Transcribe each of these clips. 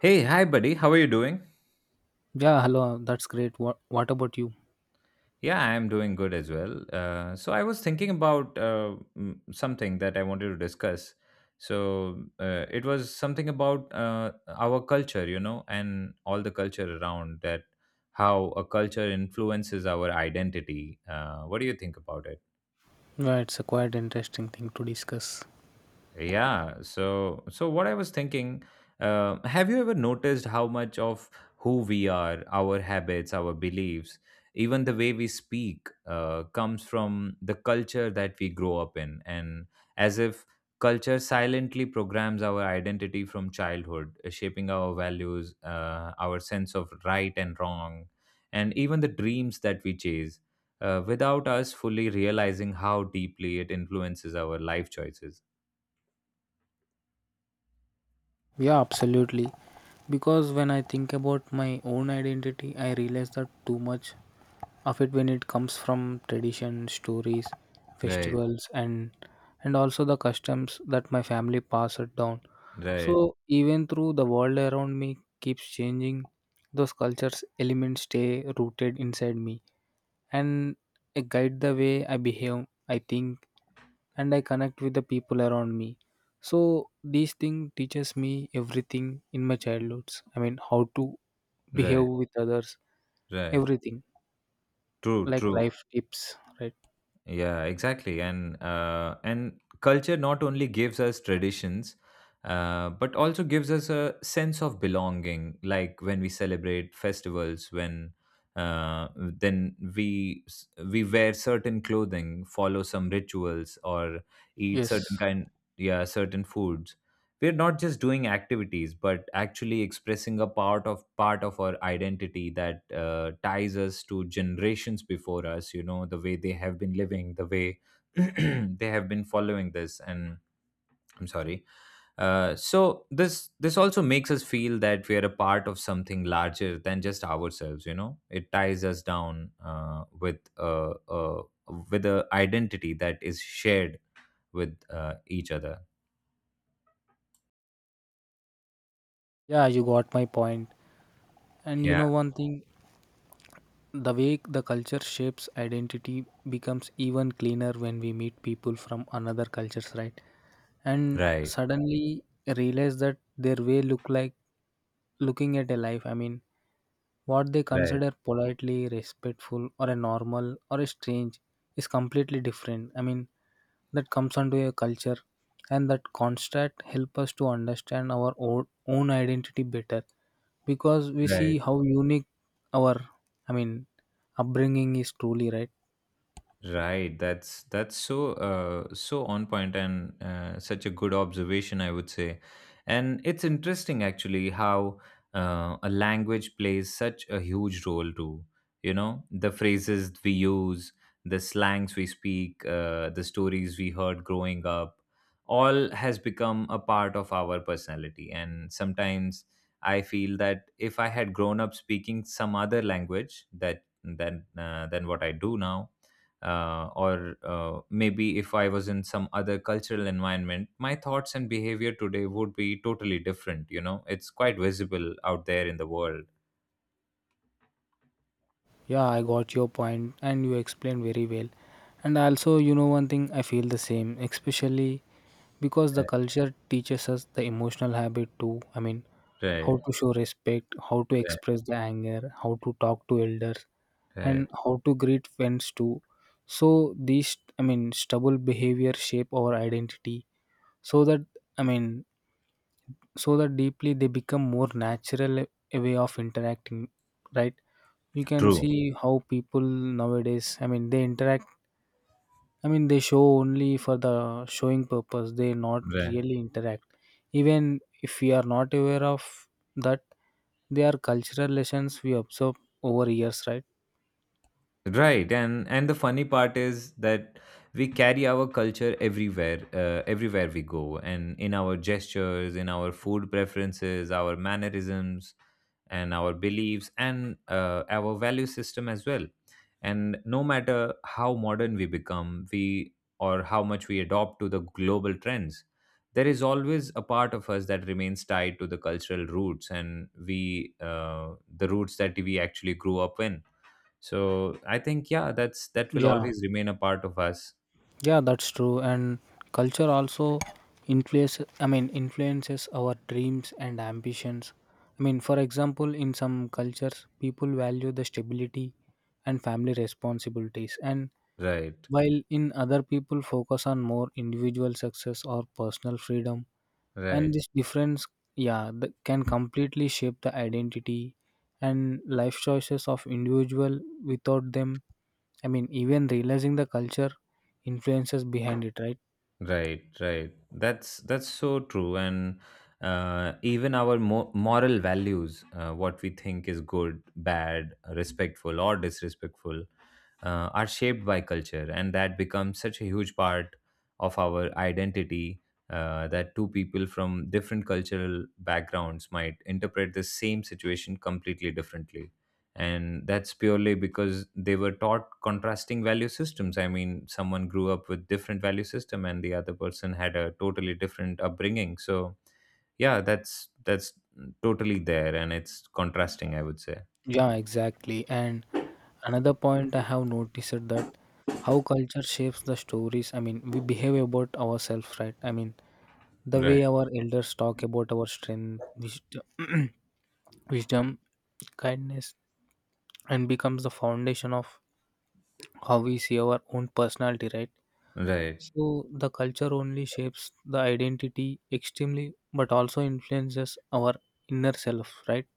Hey, hi, buddy. How are you doing? Yeah, hello. That's great. What about you? Yeah, I'm doing good as well. So I was thinking about something that I wanted to discuss. It was something about our culture, you know, and all the culture around that, how a culture influences our identity. What do you think about it? Yeah, it's a quite interesting thing to discuss. Yeah. So what I was thinking, have you ever noticed how much of who we are, our habits, our beliefs, even the way we speak, comes from the culture that we grow up in, and as if culture silently programs our identity from childhood, shaping our values, our sense of right and wrong, and even the dreams that we chase. Without us fully realizing how deeply it influences our life choices. Yeah, absolutely. Because when I think about my own identity, I realize that too much of it when it comes from tradition, stories, Right. festivals, and also the customs that my family passed down. So Right, even through the world around me keeps changing, those cultures elements stay rooted inside me and guide the way I behave, I think, and I connect with the people around me. So these thing teaches me everything in my childhoods. I mean, how to behave right, with others, right. everything True, like true. life tips, right? Yeah, exactly. And culture not only gives us traditions, but also gives us a sense of belonging. Like when we celebrate festivals, when we wear certain clothing, follow some rituals, or eat Yes, certain kind, yeah, certain foods, we're not just doing activities but actually expressing a part of our identity that ties us to generations before us. You know, the way they have been living, the way they have been following this, and I'm sorry. So this also makes us feel that we are a part of something larger than just ourselves. You know, it ties us down uh, with a identity that is shared with each other. yeah, you got my point. And you Yeah, know one thing, the way the culture shapes identity becomes even cleaner when we meet people from another cultures, right? And right, suddenly realize that their way look like looking at a life, I mean, what they right, consider politely respectful or a normal or a strange is completely different. I mean, that comes onto a culture, and that contrast help us to understand our own identity better, because we right. see how unique our, I mean, upbringing is truly, right? Right, that's so so on point, and such a good observation, I would say. And it's interesting actually how a language plays such a huge role too. You know, the phrases we use, the slangs we speak, the stories we heard growing up, all has become a part of our personality. And sometimes I feel that if I had grown up speaking some other language that than what I do now, or maybe if I was in some other cultural environment, my thoughts and behavior today would be totally different. You know, it's quite visible out there in the world. Yeah, I got your point and you explained very well. And also, you know, one thing I feel the same, especially because the Right, culture teaches us the emotional habit too. I mean, right, how to show respect, how to right. express the anger, how to talk to elders, Right. and how to greet friends too. So, these, I mean, stubble behavior shape our identity so that, I mean, so that deeply they become more natural, a way of interacting, right? You can True. see how people nowadays, I mean, they interact. I mean, they show only for the showing purpose, they not Right. really interact. Even if we are not aware of that, they are cultural lessons we observe over years, right? Right, and the funny part is that we carry our culture everywhere, everywhere we go, and in our gestures, in our food preferences, our mannerisms, and our beliefs, and our value system as well. And no matter how modern we become, we or how much we adopt to the global trends, there is always a part of us that remains tied to the cultural roots, and we the roots that we actually grew up in. So I think, yeah, that's that will Yeah, always remain a part of us. yeah, that's true. And culture also influence, I mean, influences our dreams and ambitions. I mean, for example, in some cultures, people value the stability and family responsibilities, and Right, while in other, people focus on more individual success or personal freedom. And right, this difference, yeah, that can completely shape the identity and life choices of individual, without them, I mean, even realizing the culture influences behind it, right? right, right. That's so true. And even our moral values, what we think is good, bad, respectful, or disrespectful, are shaped by culture, and that becomes such a huge part of our identity. That two people from different cultural backgrounds might interpret the same situation completely differently, and that's purely because they were taught contrasting value systems. I mean, someone grew up with different value system and the other person had a totally different upbringing. So yeah, that's totally there, and it's contrasting, I would say. Yeah, exactly. And another point I have noticed is that how culture shapes the stories, I mean, we behave about ourselves, right? I mean, the way Right, our elders talk about our strength wisdom, wisdom, kindness, and becomes the foundation of how we see our own personality, right? right. So the culture only shapes the identity extremely but also influences our inner self, right?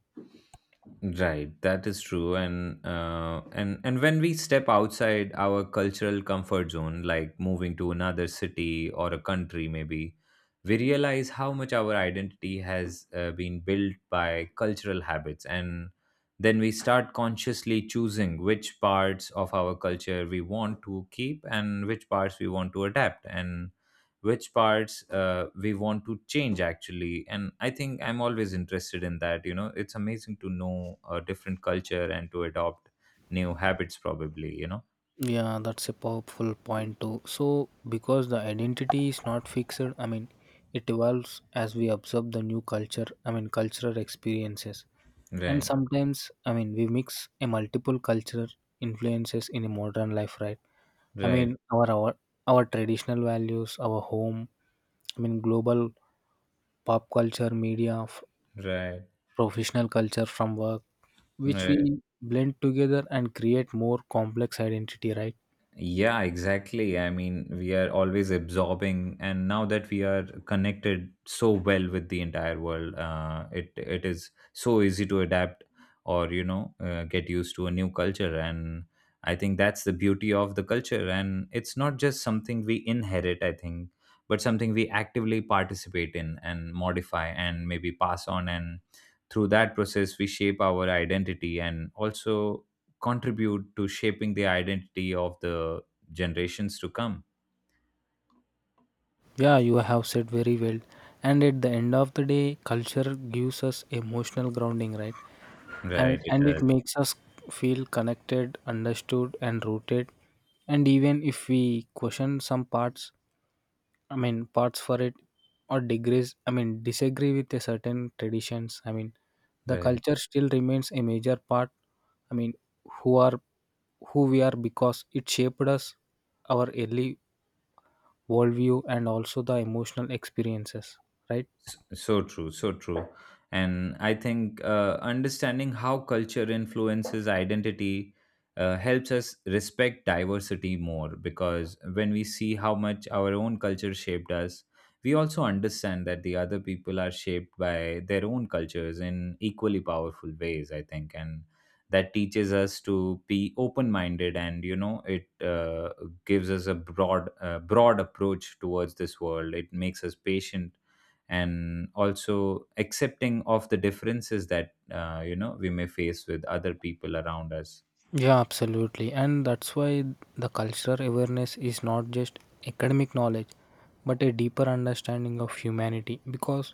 Right, that is true, and when we step outside our cultural comfort zone, like moving to another city or a country, maybe we realize how much our identity has been built by cultural habits, and then we start consciously choosing which parts of our culture we want to keep and which parts we want to adapt, and which parts we want to change actually. And I think I'm always interested in that. You know, it's amazing to know a different culture and to adopt new habits probably, you know. Yeah, that's a powerful point too. So, because the identity is not fixed, I mean, it evolves as we observe the new culture, I mean, cultural experiences. And Right, sometimes, I mean, we mix a multiple cultural influences in a modern life, right? I right, mean, our traditional values, our home, I mean, global pop culture, media, right, professional culture from work, which right. we blend together and create more complex identity, right? Yeah, exactly. I mean, we are always absorbing, and now that we are connected so well with the entire world, it is so easy to adapt or, you know, get used to a new culture. And I think that's the beauty of the culture. And it's not just something we inherit, I think, but something we actively participate in and modify and maybe pass on. And through that process, we shape our identity and also contribute to shaping the identity of the generations to come. Yeah, you have said very well. And at the end of the day, culture gives us emotional grounding, right? Right, And it and it does. makes us feel connected, understood, and rooted. And even if we question some parts, I mean parts for it, or degrees, I mean disagree with a certain traditions. I mean, the Right. culture still remains a major part. I mean, who are who we are, because it shaped us our early worldview and also the emotional experiences, right? So true, so true. And I think understanding how culture influences identity helps us respect diversity more, because when we see how much our own culture shaped us, we also understand that the other people are shaped by their own cultures in equally powerful ways, I think. And that teaches us to be open minded, and you know, it gives us a broad broad approach towards this world. It makes us patient and also accepting of the differences that, you know, we may face with other people around us. Yeah, absolutely, and that's why the cultural awareness is not just academic knowledge but a deeper understanding of humanity, because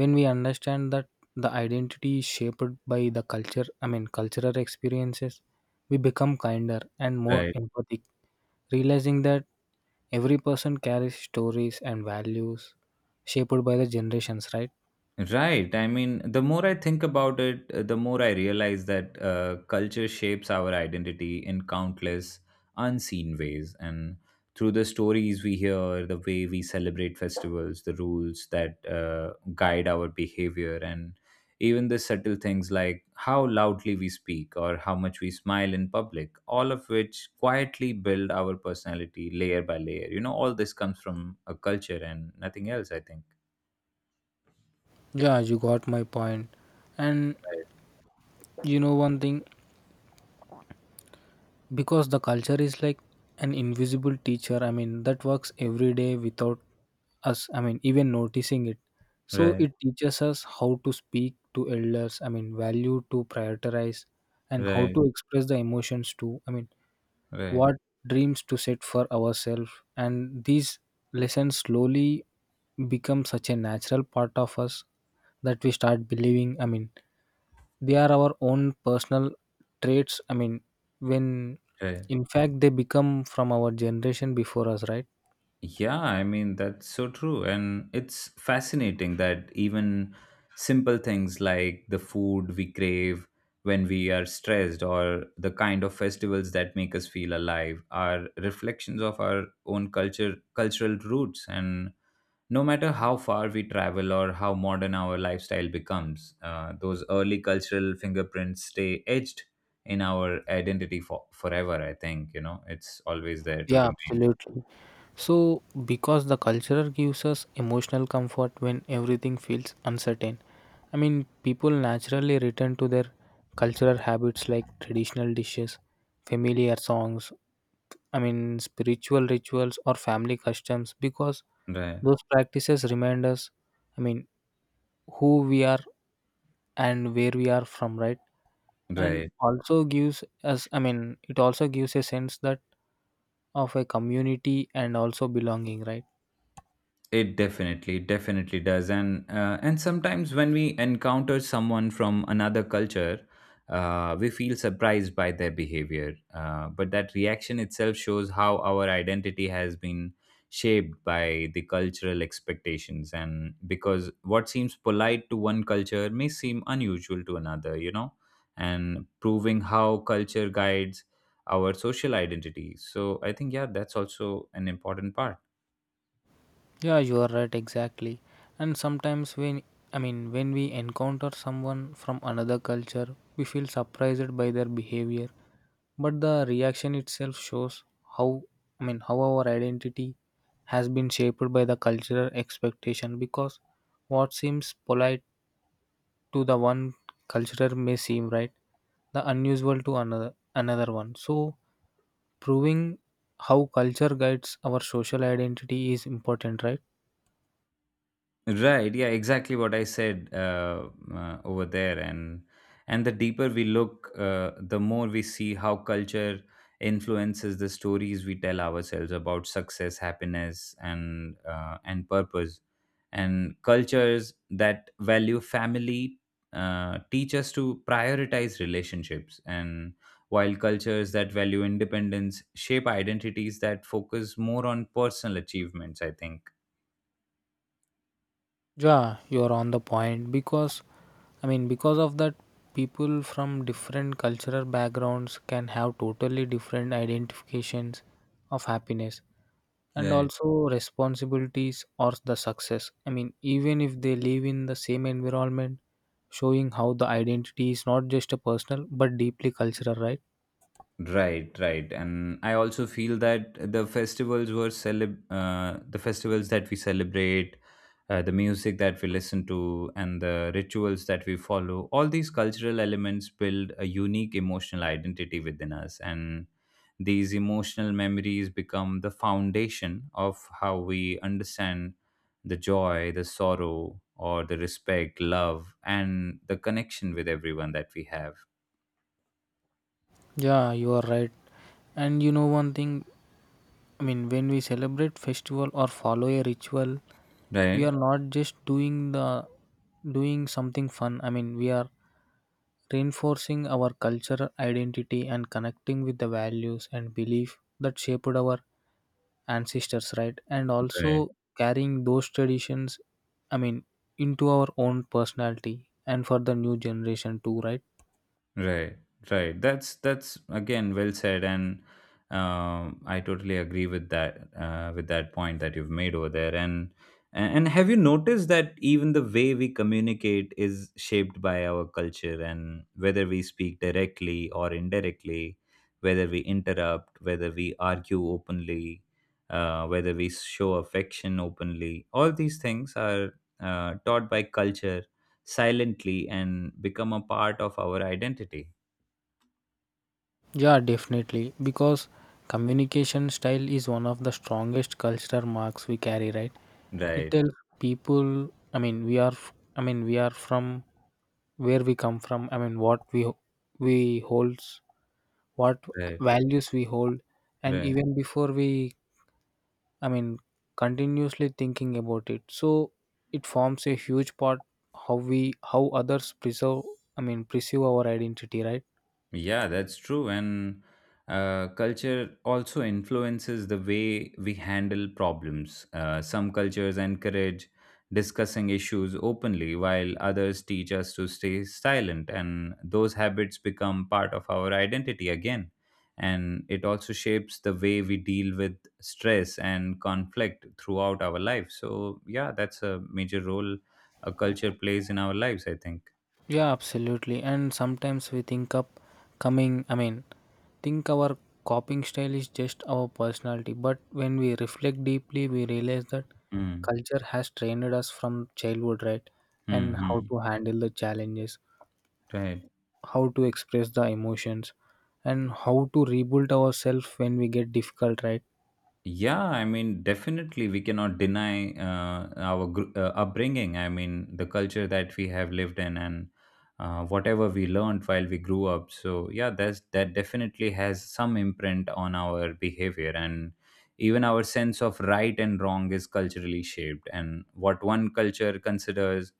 when we understand that the identity is shaped by the culture, I mean, cultural experiences, we become kinder and more Right. empathic, realizing that every person carries stories and values shaped by the generations, right? Right. I mean, the more I think about it, the more I realize that culture shapes our identity in countless unseen ways. And through the stories we hear, the way we celebrate festivals, the rules that guide our behavior, and even the subtle things like how loudly we speak or how much we smile in public, all of which quietly build our personality layer by layer. You know, all this comes from a culture and nothing else, I think. Yeah, you got my point. And you know one thing, because the culture is like an invisible teacher, I mean, that works every day without us, I mean, even noticing it. Right. So Right. it teaches us how to speak to elders, I mean, value to prioritize, and how Right. to express the emotions to, I mean, Right, what dreams to set for ourselves. And these lessons slowly become such a natural part of us that we start believing, I mean, they are our own personal traits. I mean, when right. in fact they become from our generation before us, right? Yeah, I mean, that's so true. And it's fascinating that even simple things like the food we crave when we are stressed or the kind of festivals that make us feel alive are reflections of our own culture, cultural roots. And no matter how far we travel or how modern our lifestyle becomes, those early cultural fingerprints stay etched in our identity for forever. I think, you know, it's always there to Yeah, remain. absolutely. So, because the culture gives us emotional comfort when everything feels uncertain, I mean, people naturally return to their cultural habits like traditional dishes, familiar songs, I mean, spiritual rituals, or family customs, because Right, those practices remind us, I mean, who we are and where we are from, right? And right. also gives us, I mean, it also gives a sense that, of a community and also belonging, right? It definitely, definitely does. And sometimes when we encounter someone from another culture, we feel surprised by their behavior. But that reaction itself shows how our identity has been shaped by the cultural expectations. And because what seems polite to one culture may seem unusual to another, you know, and proving how culture guides our social identity. So I think, yeah, that's also an important part. Yeah, you are right, exactly. And sometimes when, I mean, when we encounter someone from another culture, we feel surprised by their behavior. But the reaction itself shows how, I mean, how our identity has been shaped by the cultural expectation, because what seems polite to the one culture may seem, right, the unusual to another one. So proving how culture guides our social identity is important, right? Right. Yeah, exactly what I said over there, and the deeper we look, the more we see how culture influences the stories we tell ourselves about success, happiness, and purpose. And cultures that value family teach us to prioritize relationships, and while cultures that value independence shape identities that focus more on personal achievements. I think. Yeah, you're on the point, because, I mean, because of that, people from different cultural backgrounds can have totally different identifications of happiness and Right. also responsibilities or the success. I mean, even if they live in the same environment, showing how the identity is not just a personal but deeply cultural, right? Right, right. And I also feel that the festivals that we celebrate, the music that we listen to, and the rituals that we follow, all these cultural elements build a unique emotional identity within us. And these emotional memories become the foundation of how we understand the joy, the sorrow, or the respect, love, and the connection with everyone that we have. Yeah, you are right. And you know one thing, I mean, when we celebrate festival or follow a ritual, we Right, are not just doing something fun. I mean, we are reinforcing our cultural identity and connecting with the values and belief that shaped our ancestors, right? And right. also carrying those traditions, I mean, into our own personality and for the new generation too, right? Right, right. That's again well said, and I totally agree with that point that you've made over there. And have you noticed that even the way we communicate is shaped by our culture, and whether we speak directly or indirectly, whether we interrupt, whether we argue openly, whether we show affection openly, all these things are taught by culture silently and become a part of our identity. Yeah, definitely. Because communication style is one of the strongest cultural marks we carry, right? It Right, tells people, I mean, we are, I mean, we are from where we come from. I mean, what we holds, what right, values we hold, and right. even before we, I mean, continuously thinking about it. So it forms a huge part how we, how others preserve, I mean, pursue our identity, right? Yeah, that's true. And culture also influences the way we handle problems. Some cultures encourage discussing issues openly, while others teach us to stay silent. And those habits become part of our identity again. And it also shapes the way we deal with stress and conflict throughout our life. So, yeah, that's a major role a culture plays in our lives, I think. Yeah, absolutely. And sometimes we think up coming, I mean, think our coping style is just our personality, but when we reflect deeply, we realize that Mm. culture has trained us from childhood, right? Hmm, And hmm. how to handle the challenges, Right. how to express the emotions, and how to rebuild ourselves when we get difficult, right? Yeah, I mean, definitely we cannot deny our upbringing. I mean, the culture that we have lived in and whatever we learned while we grew up. So yeah, that's that definitely has some imprint on our behavior, and even our sense of right and wrong is culturally shaped. And what one culture considers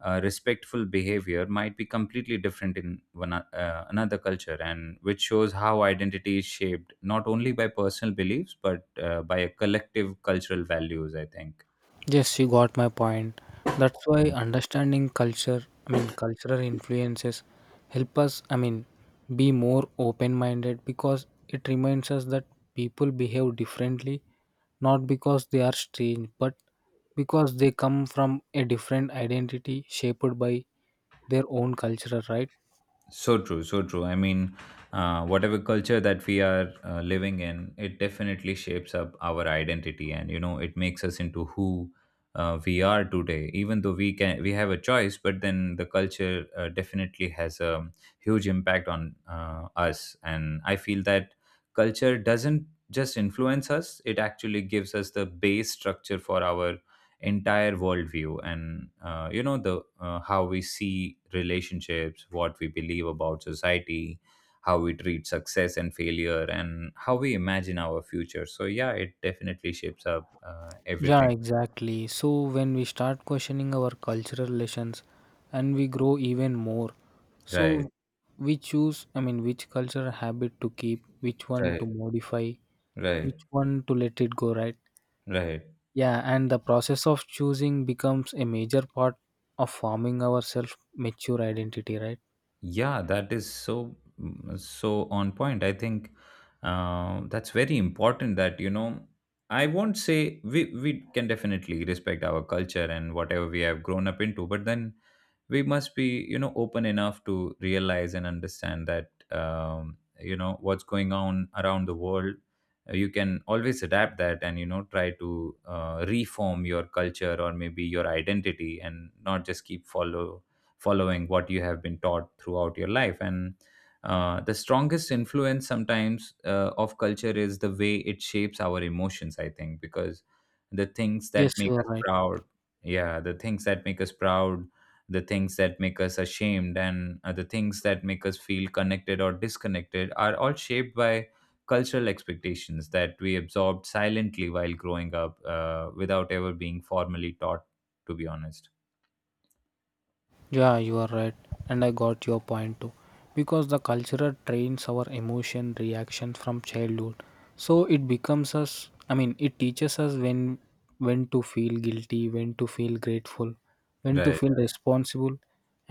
respectful behavior might be completely different in another culture, and which shows how identity is shaped not only by personal beliefs but by a collective cultural values. I think. Yes, you got my point. That's why Hmm. understanding culture, I mean, cultural influences help us, I mean, be more open minded, because it reminds us that people behave differently, not because they are strange, but because they come from a different identity shaped by their own culture, right? So true, so true. I mean, whatever culture that we are living in, it definitely shapes up our identity, and you know, it makes us into who we are today. Even though we have a choice, but then the culture definitely has a huge impact on us. And I feel that culture doesn't just influence us; it actually gives us the base structure for our entire worldview, and you know the how we see relationships, what we believe about society, how we treat success and failure, and how we imagine our future. So yeah, it definitely shapes up Yeah, everything. exactly. So when we start questioning our cultural lessons and we grow even more. Right, So we choose, I mean, which cultural habit to keep, which one right, to modify, right, which one to let it go, right? right. Yeah, and the process of choosing becomes a major part of forming our self mature identity, right? Yeah, that is so so on point, I think. That's very important that you know, I won't say we can definitely respect our culture and whatever we have grown up into, but then we must be, you know, open enough to realize and understand that you know, what's going on around the world. You can always adapt that and you know, try to reform your culture or maybe your identity, and not just keep following what you have been taught throughout your life. And the strongest influence sometimes of culture is the way it shapes our emotions, I think, because the things Yes, that make you are us right. proud. Yeah, the things that make us proud, the things that make us ashamed, and the things that make us feel connected or disconnected are all shaped by cultural expectations that we absorbed silently while growing up, without ever being formally taught, to be honest. Yeah, you are right, and I got your point too. Because the culture trains our emotion reactions from childhood, so it becomes us. I mean, it teaches us when to feel guilty, when to feel grateful, when to Right, feel responsible,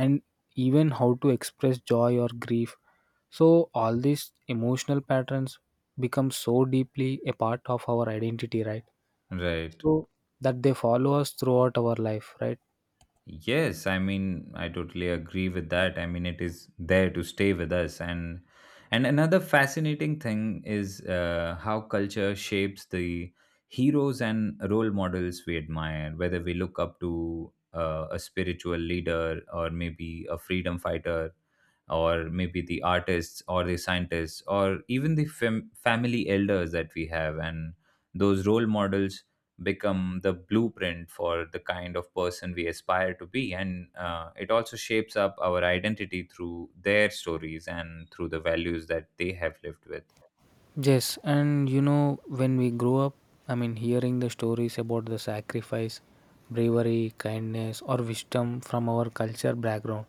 and even how to express joy or grief. So all these emotional patterns become so deeply a part of our identity, right? right. So that they follow us throughout our life, right? Yes, I mean, I totally agree with that. I mean, it is there to stay with us. And another fascinating thing is how culture shapes the heroes and role models we admire, whether we look up to a spiritual leader, or maybe a freedom fighter, or maybe the artists or the scientists, or even the family elders that we have. And those role models become the blueprint for the kind of person we aspire to be, and it also shapes up our identity through their stories and through the values that they have lived with. Yes, and you know, when we grow up, I mean, hearing the stories about the sacrifice, bravery, kindness, or wisdom from our culture background.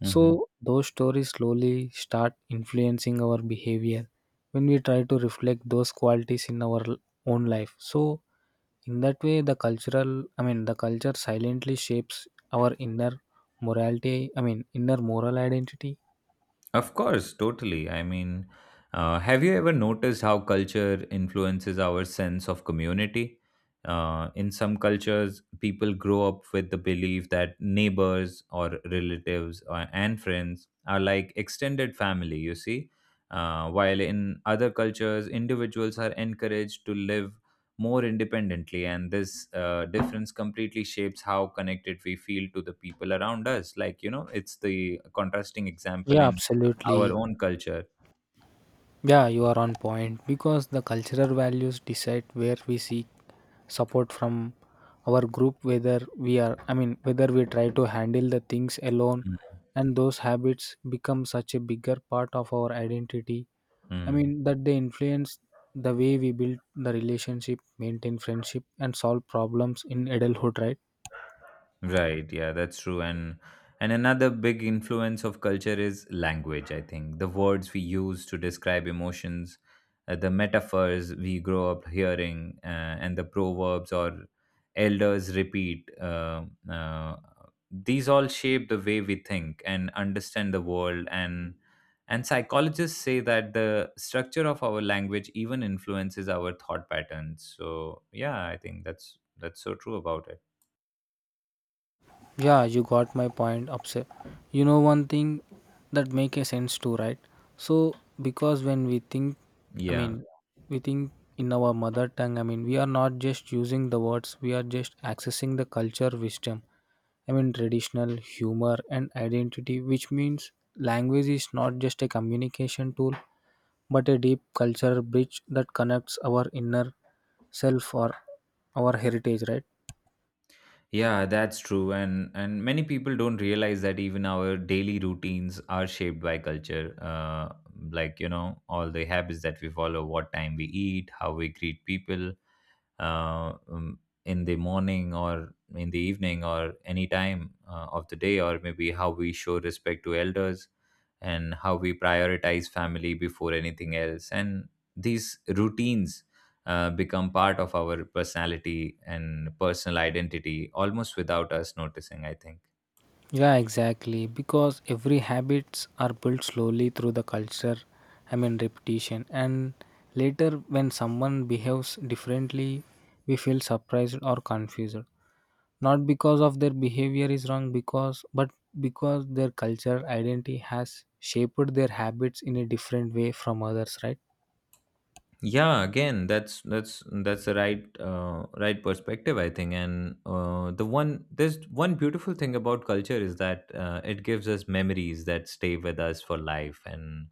Mhm. So, those stories slowly start influencing our behavior when we try to reflect those qualities in our own life. So, in that way, the cultural, I mean, the culture silently shapes our inner morality, I mean, inner moral identity. Of course, totally. I mean, have you ever noticed how culture influences our sense of community? In some cultures, people grow up with the belief that neighbors or relatives or, and friends are like extended family, you see. While in other cultures, individuals are encouraged to live more independently, and this difference completely shapes how connected we feel to the people around us. Like, you know, it's the contrasting example Yeah, in our absolutely. own culture. Yeah, you are on point, because the cultural values decide where we seek support from our group, whether we are, I mean, whether we try to handle the things alone, Mm, and those habits become such a bigger part of our identity. I mm. mean, that they influence the way we build the relationship, maintain friendship, and solve problems in adulthood, right? Right, yeah, that's true. And another big influence of culture is language, I think. The words we use to describe emotions, the metaphors we grow up hearing, and the proverbs or elders repeat. Uh, these all shape the way we think and understand the world. And psychologists say that the structure of our language even influences our thought patterns. So yeah, I think that's so true about it. Yeah, you got my point upset. You know one thing that make a sense too, right? So because when we think, I Yeah. mean, we think in our mother tongue, I mean, we are not just using the words, we are just accessing the culture wisdom. I mean traditional humor and identity, which means language is not just a communication tool, but a deep cultural bridge that connects our inner self or our heritage, right? Yeah, that's true. And many people don't realize that even our daily routines are shaped by culture. Like, you know, all the habits that we follow, what time we eat, how we greet people, uh, um, in the morning or in the evening or any time of the day, or maybe how we show respect to elders, and how we prioritize family before anything else. And these routines become part of our personality and personal identity almost without us noticing, I think. Yeah, exactly. Because every habits are built slowly through the culture, I mean repetition. And later when someone behaves differently, we feel surprised or confused. Not because of their behavior is wrong, because but because their culture identity has shaped their habits in a different way from others, right? Yeah, again, that's the right right perspective, I think. And there's one beautiful thing about culture, is that it gives us memories that stay with us for life. And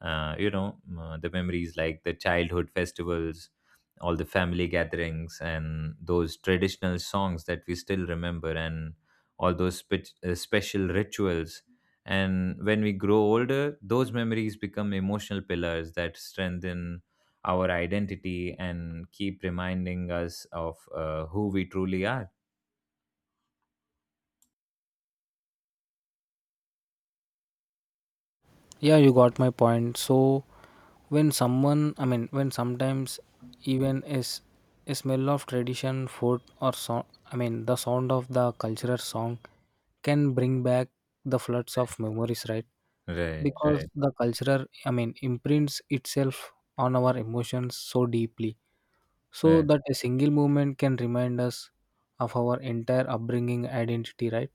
you know, the memories like the childhood festivals, all the family gatherings, and those traditional songs that we still remember, and all those special rituals. And when we grow older, those memories become emotional pillars that strengthen our identity and keep reminding us of who we truly are. Yeah, you got my point. So when someone, I mean, when sometimes even is a smell of tradition, food, or song, I mean, the sound of the cultural song can bring back the floods of memories, right? Right, Because right, the cultural, I mean, imprints itself on our emotions so deeply, so right. that a single movement can remind us of our entire upbringing identity, right?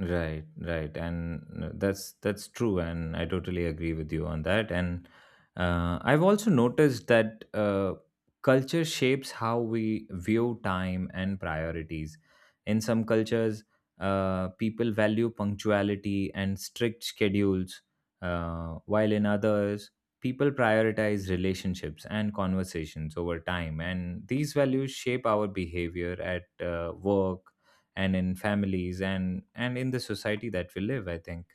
Right, right, and that's true, and I totally agree with you on that. And I've also noticed that culture shapes how we view time and priorities. In some cultures, people value punctuality and strict schedules, while in others, people prioritize relationships and conversations over time. And these values shape our behavior at work, and in families, and in the society that we live, I think.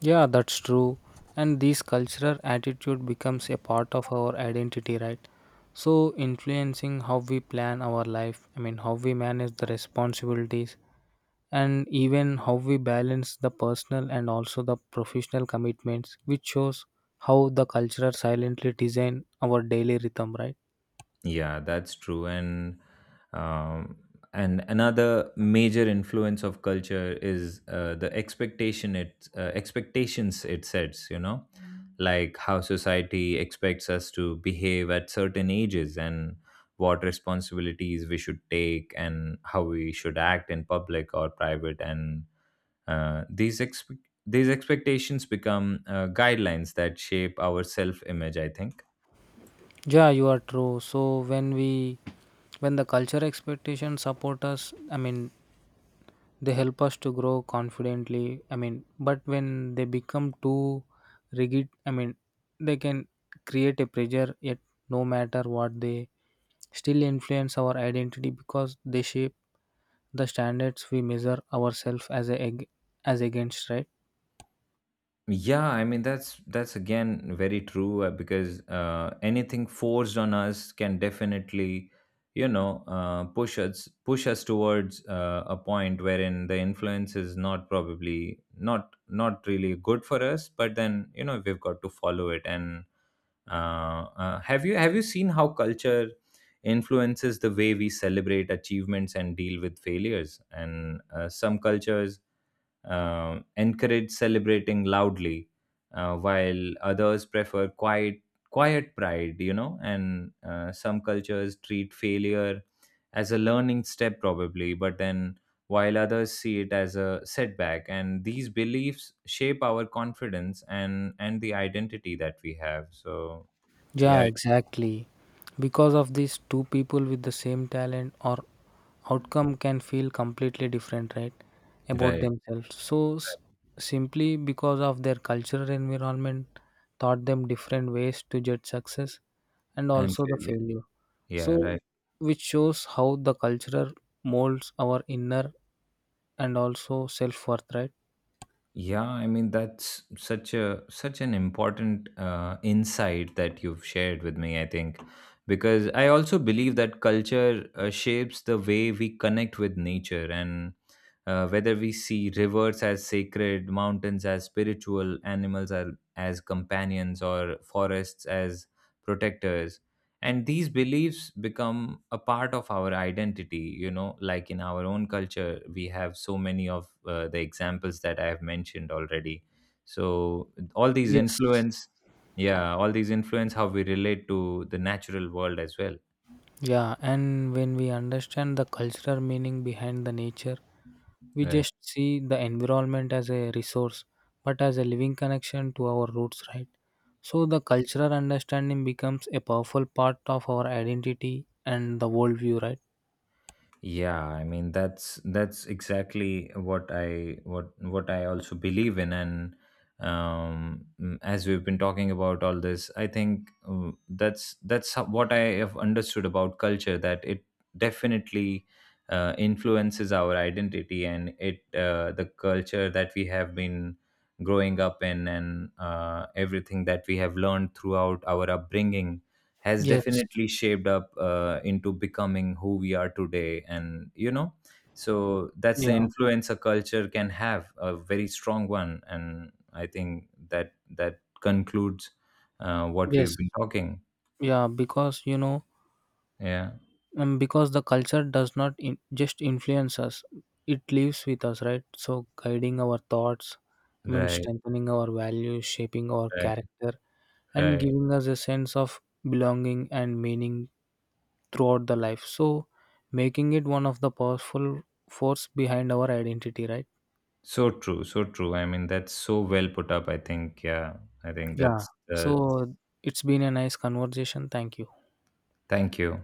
Yeah, that's true. And this cultural attitude becomes a part of our identity, right? So, influencing how we plan our life, I mean, how we manage the responsibilities, and even how we balance the personal and also the professional commitments, which shows how the culture silently design our daily rhythm, right? Yeah, that's true. And um, and another major influence of culture is the expectation it expectations it sets, you know. Like how society expects us to behave at certain ages, and what responsibilities we should take, and how we should act in public or private. And Uh, these expe- these expectations become guidelines that shape our self image, I think. Yeah, you are true. So, when the culture expectations support us, I mean, they help us to grow confidently, I mean, but when they become too rigid, I mean, they can create a pressure. Yet no matter what, they still influence our identity, because they shape the standards we measure ourselves as against, right? Yeah, I mean that's again very true, because anything forced on us can definitely, you know, push us towards a point wherein the influence is not not really good for us. But then you know, we've got to follow it. And uh, have you seen how culture influences the way we celebrate achievements and deal with failures? And some cultures encourage celebrating loudly, while others prefer quiet pride, you know. And some cultures treat failure as a learning step probably, but then while others see it as a setback. And these beliefs shape our confidence and the identity that we have, so. Yeah, Yeah, exactly. Because of this, two people with the same talent or outcome can feel completely different, right? About right. themselves. So, simply because of their cultural environment, taught them different ways to judge success and And also the failure. failure. Yeah, So, right. which shows how the cultural molds our inner and also self worth, right? Yeah, I mean, that's such a such an important insight that you've shared with me, I think, because I also believe that culture shapes the way we connect with nature. And whether we see rivers as sacred, mountains as spiritual, animals are, as companions, or forests as protectors, and these beliefs become a part of our identity. You know, like in our own culture, we have so many of the examples that I have mentioned already. So all these Yes. influence. Yeah, all these influence how we relate to the natural world as well. Yeah, and when we understand the cultural meaning behind the nature, we Yeah. just see the environment as a resource, but as a living connection to our roots, right? So the cultural understanding becomes a powerful part of our identity and the worldview, right? Yeah, I mean, that's exactly what I what I also believe in. And as we've been talking about all this, I think what I have understood about culture, that it definitely influences our identity. And it the culture that we have been growing up in, and everything that we have learned throughout our upbringing, has Yes. definitely shaped up into becoming who we are today. And you know, so that's the Yeah. influence a culture can have, a very strong one. And I think that that concludes what we've Yes. been talking. Yeah. Because you know, Yeah, because the culture does not just influence us; it lives with us, right? So guiding our thoughts, I mean, right, strengthening our values, shaping our right, character, and right. giving us a sense of belonging and meaning throughout the life, so making it one of the powerful force behind our identity, right? So true, so true. I mean, that's so well put up, I think. Yeah, I think Yeah. that's So it's been a nice conversation, thank you. thank you.